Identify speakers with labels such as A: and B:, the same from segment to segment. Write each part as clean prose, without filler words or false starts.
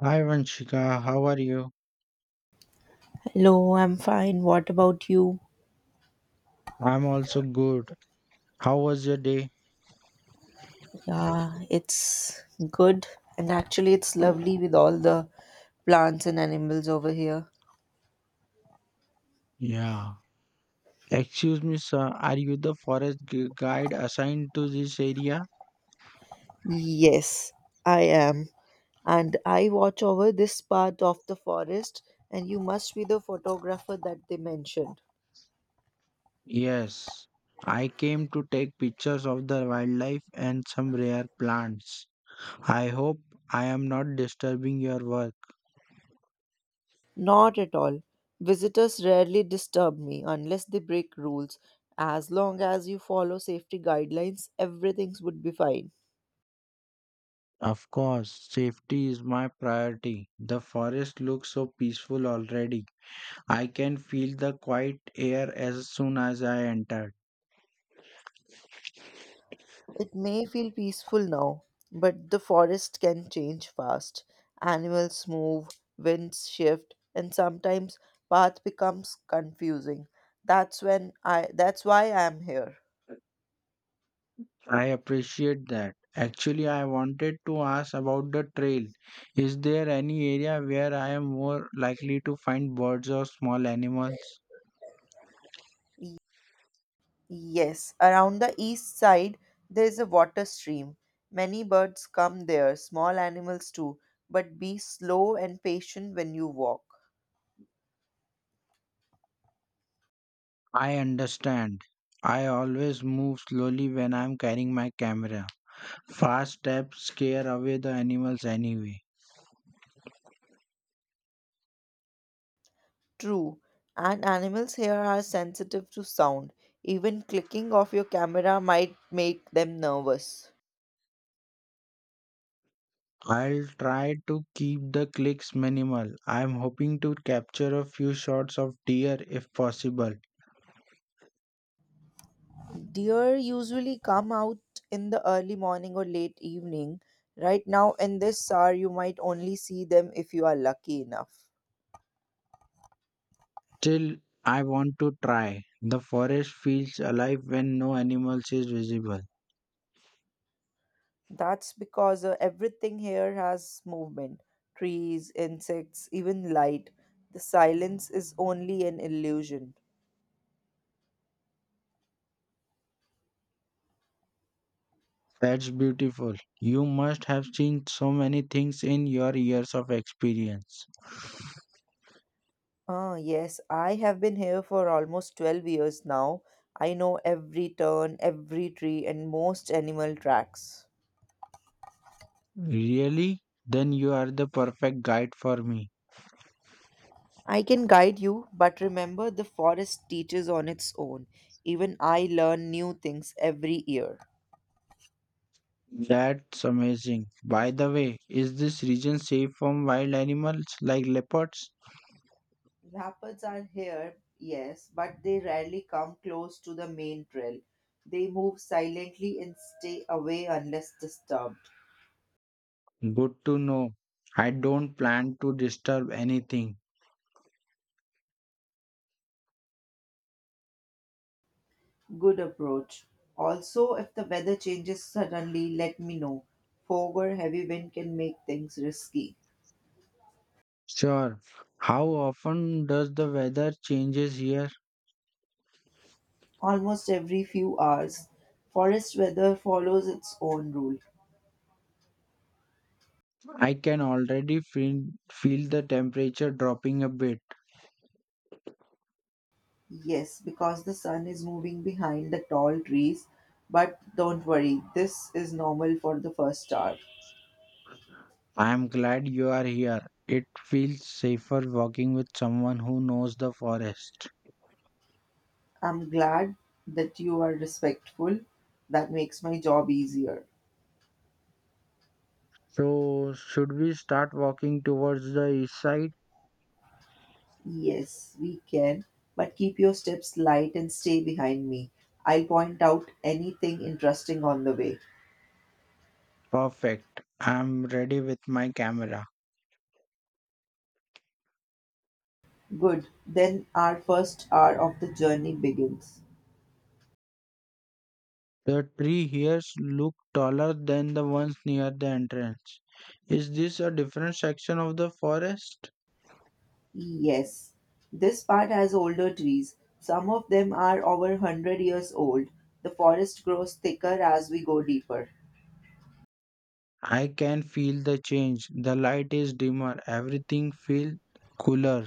A: Hi Vanshika, how are you?
B: Hello, I'm fine. What about you?
A: I'm also good. How was your day?
B: Yeah, it's good. And actually, it's lovely with all the plants and animals over here.
A: Yeah. Excuse me, sir. Are you the forest guide assigned to this area?
B: Yes, I am. And I watch over this part of the forest, and you must be the photographer that they mentioned.
A: Yes. I came to take pictures of the wildlife and some rare plants. I hope I am not disturbing your work.
B: Not at all. Visitors rarely disturb me unless they break rules. As long as you follow safety guidelines, everything would be fine.
A: Of course, safety is my priority. The forest looks so peaceful already. I can feel the quiet air as soon as I enter.
B: It may feel peaceful now, but the forest can change fast. Animals move, winds shift, and sometimes path becomes confusing. That's why I am here.
A: I appreciate that. Actually, I wanted to ask about the trail. Is there any area where I am more likely to find birds or small animals?
B: Y- Yes, around the east side there is a water stream. Many birds come there, small animals too, but be slow and patient when you walk.
A: I understand. I always move slowly when I'm carrying my camera. Fast steps scare away the animals anyway.
B: True, and animals here are sensitive to sound. Even clicking of your camera might make them nervous.
A: I'll try to keep the clicks minimal. I'm hoping to capture a few shots of deer if possible.
B: Deer usually come out in the early morning or late evening. Right now, in this hour, you might only see them if you are lucky enough.
A: Still, I want to try. The forest feels alive when no animals is visible.
B: That's because everything here has movement trees, insects, even light. The silence is only an illusion.
A: That's beautiful. You must have seen so many things in your years of experience.
B: Ah, yes, I have been here for almost 12 years now. I know every turn, every tree, and most animal tracks.
A: Really? Then you are the perfect guide for me.
B: I can guide you, but remember the forest teaches on its own. Even I learn new things every year.
A: That's amazing. By the way, is this region safe from wild animals like leopards?
B: Leopards are here, yes, but they rarely come close to the main trail. They move silently and stay away unless disturbed.
A: Good to know. I don't plan to disturb anything.
B: Good approach. Also, if the weather changes suddenly, let me know. Fog or heavy wind can make things risky.
A: Sure. How often does the weather changes here?
B: Almost every few hours, forest weather follows its own rule.
A: I can already feel the temperature dropping a bit.
B: Yes, because the sun is moving behind the tall trees, but don't worry, this is normal for the first hour.
A: I am glad you are here. It feels safer walking with someone who knows the forest.
B: I'm glad that you are respectful. That makes my job easier.
A: So, should we start walking towards the east side?
B: Yes, we can, but keep your steps light and stay behind me. I'll point out anything interesting on the way.
A: Perfect. I am ready with my camera.
B: Good, then our first hour of the journey begins.
A: The tree here look taller than the ones near the entrance. Is this a different section of the forest?
B: Yes, this part has older trees. Some of them are over 100 years old. The forest grows thicker as we go deeper.
A: I can feel the change. The light is dimmer. Everything feels cooler.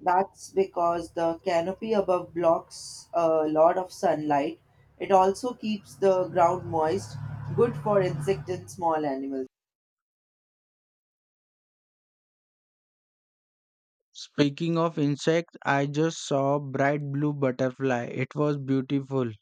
B: That's because the canopy above blocks a lot of sunlight. It also keeps the ground moist, good for insects and small animals.
A: Speaking of insects, I just saw a bright blue butterfly. It was beautiful.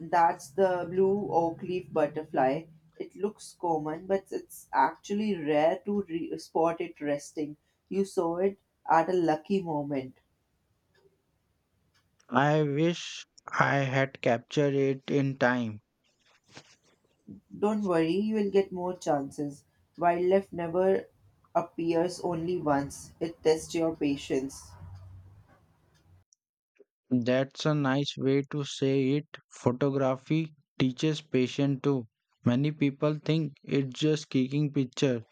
B: That's the blue oak leaf butterfly. It looks common, but it's actually rare to spot it resting. You saw it at a lucky moment.
A: I wish I had captured it in time.
B: Don't worry, you will get more chances. Wildlife never appears only once, it tests your patience.
A: That's a nice way to say it. Photography teaches patience too. Many people think it's just kicking picture,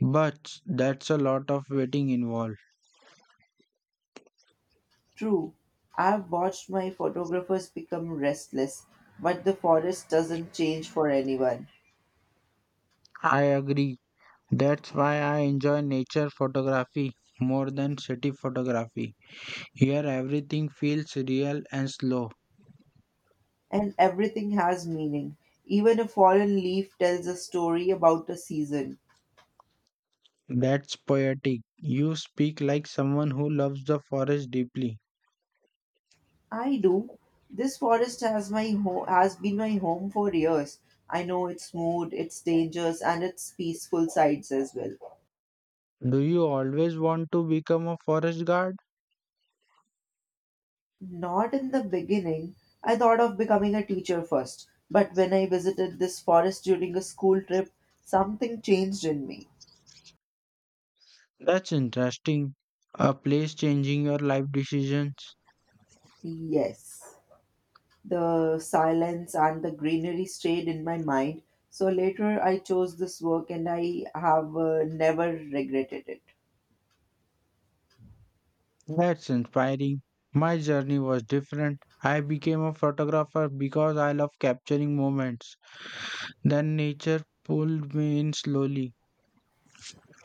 A: but that's a lot of waiting involved.
B: True, I've watched my photographers become restless, but the forest doesn't change for anyone.
A: I agree. That's why I enjoy nature photography more than city photography. Here everything feels real and slow.
B: And everything has meaning. Even a fallen leaf tells a story about a season.
A: That's poetic. You speak like someone who loves the forest deeply.
B: I do. This forest has been my home for years. I know its mood, its dangers, and its peaceful sides as well.
A: Do you always want to become a forest guard?
B: Not in the beginning. I thought of becoming a teacher first, but when I visited this forest during a school trip, something changed in me.
A: That's interesting. A place changing your life decisions.
B: Yes. The silence and the greenery stayed in my mind. So later I chose this work and I have never regretted it.
A: That's inspiring. My journey was different. I became a photographer because I love capturing moments. Then nature pulled me in slowly.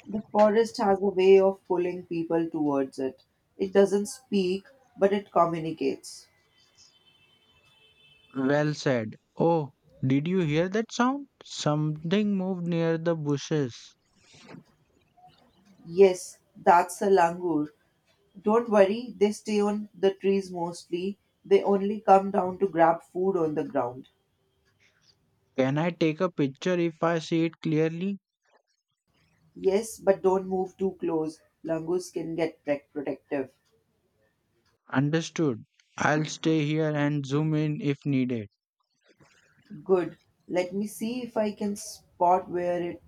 B: The forest has a way of pulling people towards it. It doesn't speak, but it communicates.
A: Well said. Oh, did you hear that sound? Something moved near the bushes.
B: Yes, that's a langur. Don't worry, they stay on the trees mostly. They only come down to grab food on the ground.
A: Can I take a picture if I see it clearly?
B: Yes, but don't move too close. Langurs can get protective.
A: Understood. I'll stay here and zoom in if needed.
B: Good. Let me see if I can spot where it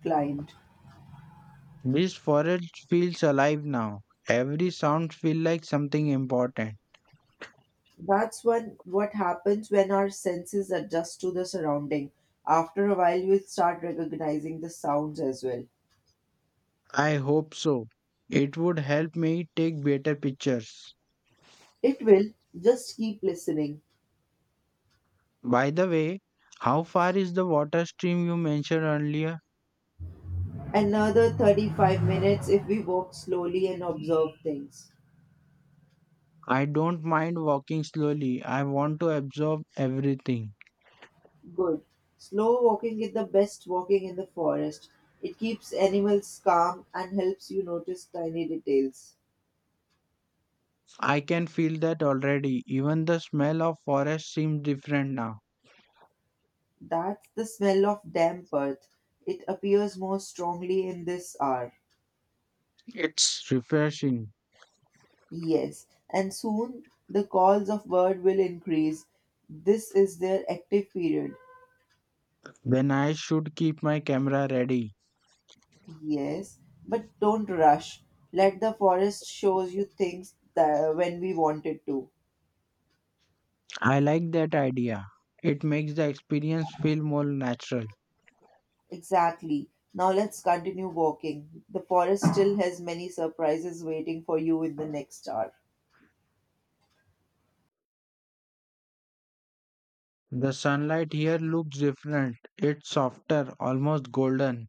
B: climbed.
A: This forest feels alive now. Every sound feels like something important.
B: That's when what happens when our senses adjust to the surrounding. After a while, we'll start recognizing the sounds as well.
A: I hope so. It would help me take better pictures.
B: It will. Just keep listening.
A: By the way, how far is the water stream you mentioned earlier?
B: Another 35 minutes if we walk slowly and observe things.
A: I don't mind walking slowly. I want to absorb everything.
B: Good. Slow walking is the best walking in the forest. It keeps animals calm and helps you notice tiny details.
A: I can feel that already. Even the smell of forest seems different now.
B: That's the smell of damp earth. It appears more strongly in this hour.
A: It's refreshing
B: Yes, and soon the calls of bird will increase. This is their active period.
A: when I should keep my camera ready.
B: Yes, but don't rush. Let the forest shows you things that when we wanted to.
A: I like that idea. It makes the experience feel more natural.
B: Exactly. Now let's continue walking. The forest still has many surprises waiting for you in the next hour.
A: The sunlight here looks different. It's softer, almost golden.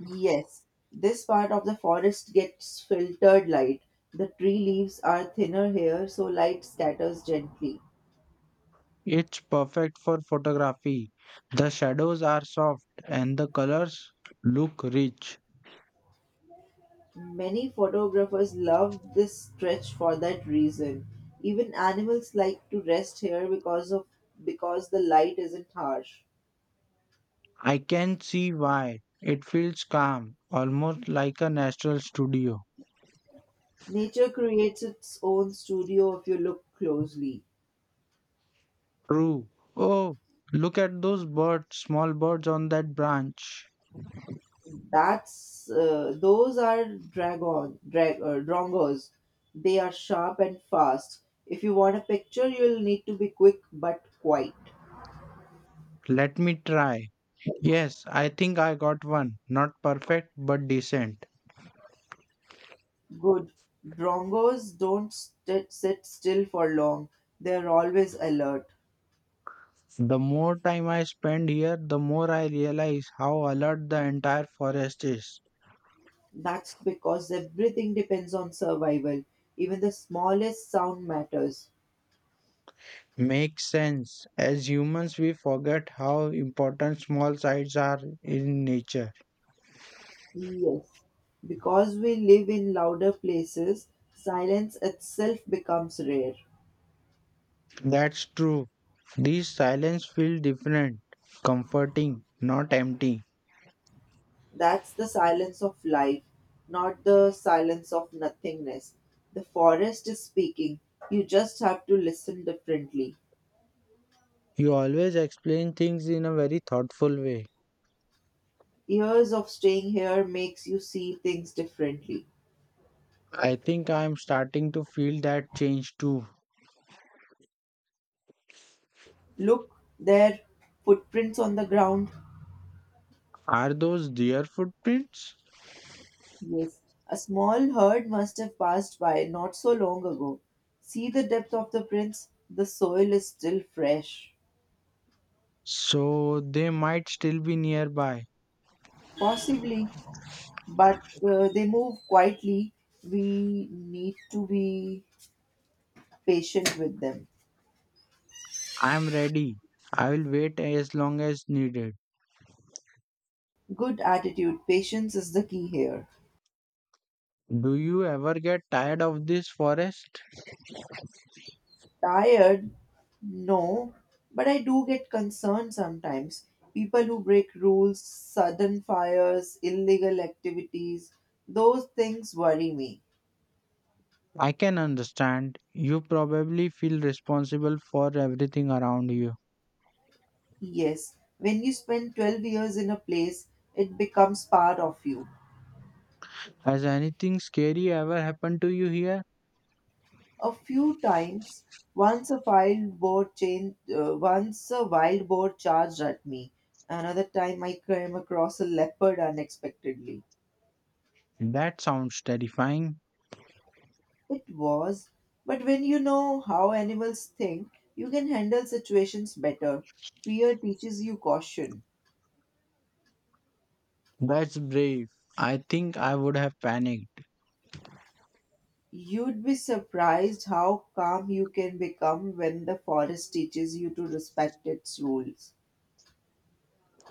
B: Yes, this part of the forest gets filtered light. The tree leaves are thinner here, so light scatters gently.
A: It's perfect for photography. The shadows are soft and the colors look rich.
B: Many photographers love this stretch for that reason. Even animals like to rest here because the light isn't harsh.
A: I can see why. It feels calm, almost like a natural studio.
B: Nature creates its own studio if you look closely.
A: True. Oh, look at those birds, small birds on that branch.
B: That's those are dragon drag drongos. They are sharp and fast. If you want a picture, you'll need to be quick but quite
A: Let me try. Yes, I think I got one. Not perfect, but decent.
B: good. Drongos don't sit still for long. They're always alert.
A: The more time I spend here, the more I realize how alert the entire forest is.
B: That's because everything depends on survival. Even the smallest sound matters.
A: Makes sense. As humans, we forget how important small sites are in nature.
B: Yes. Because we live in louder places, silence itself becomes rare.
A: That's true. These silence feel different, comforting, not empty.
B: That's the silence of life, not the silence of nothingness. The forest is speaking. You just have to listen differently.
A: You always explain things in a very thoughtful way.
B: Years of staying here makes you see things differently.
A: I think I am starting to feel that change too.
B: Look, there, footprints on the ground.
A: Are those deer footprints?
B: Yes, a small herd must have passed by not so long ago. See the depth of the prints. The soil is still fresh.
A: So they might still be nearby.
B: Possibly, but they move quietly. We need to be patient with them.
A: I'm ready. I will wait as long as needed.
B: Good attitude, patience is the key here.
A: Do you ever get tired of this forest?
B: Tired? No, but I do get concerned sometimes. People who break rules, sudden fires, illegal activities, those things worry me.
A: I can understand. You probably feel responsible for everything around you.
B: Yes, when you spend 12 years in a place, it becomes part of you.
A: Has anything scary ever happened to you here?
B: A few times, once a wild boar charged at me. Another time, I came across a leopard unexpectedly.
A: That sounds terrifying.
B: It was, but when you know how animals think, you can handle situations better. Fear teaches you caution.
A: That's brave. I think I would have panicked.
B: You'd be surprised how calm you can become when the forest teaches you to respect its rules.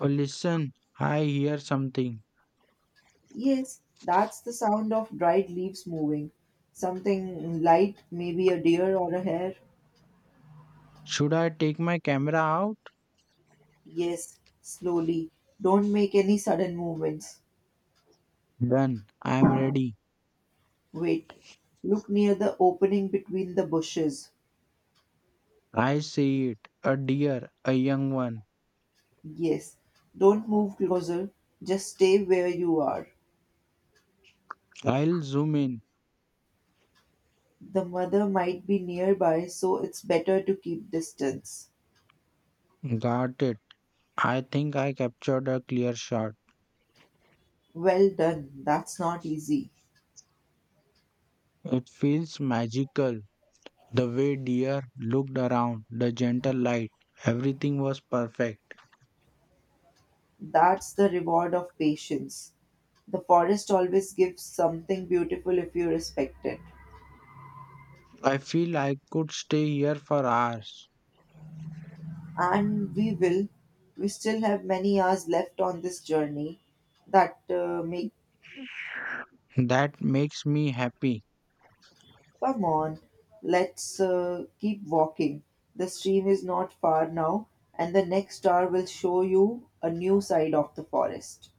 A: Oh, listen, I hear something.
B: Yes, that's the sound of dried leaves moving. Something light, maybe a deer or a hare.
A: Should I take my camera out?
B: Yes, slowly. Don't make any sudden movements.
A: Done. I'm ready.
B: Wait. Look near the opening between the bushes.
A: I see it. A deer, a young one.
B: Yes. Don't move closer. Just stay where you are.
A: I'll zoom in.
B: The mother might be nearby, so it's better to keep distance.
A: Got it. I think I captured a clear shot.
B: Well done. That's not easy.
A: It feels magical. The way deer looked around, the gentle light, everything was perfect.
B: That's the reward of patience. The forest always gives something beautiful if you respect it.
A: I feel I could stay here for hours.
B: And we will. We still have many hours left on this journey that make.
A: That makes me happy.
B: Come on, let's keep walking. The stream is not far now, and the next star will show you a new side of the forest.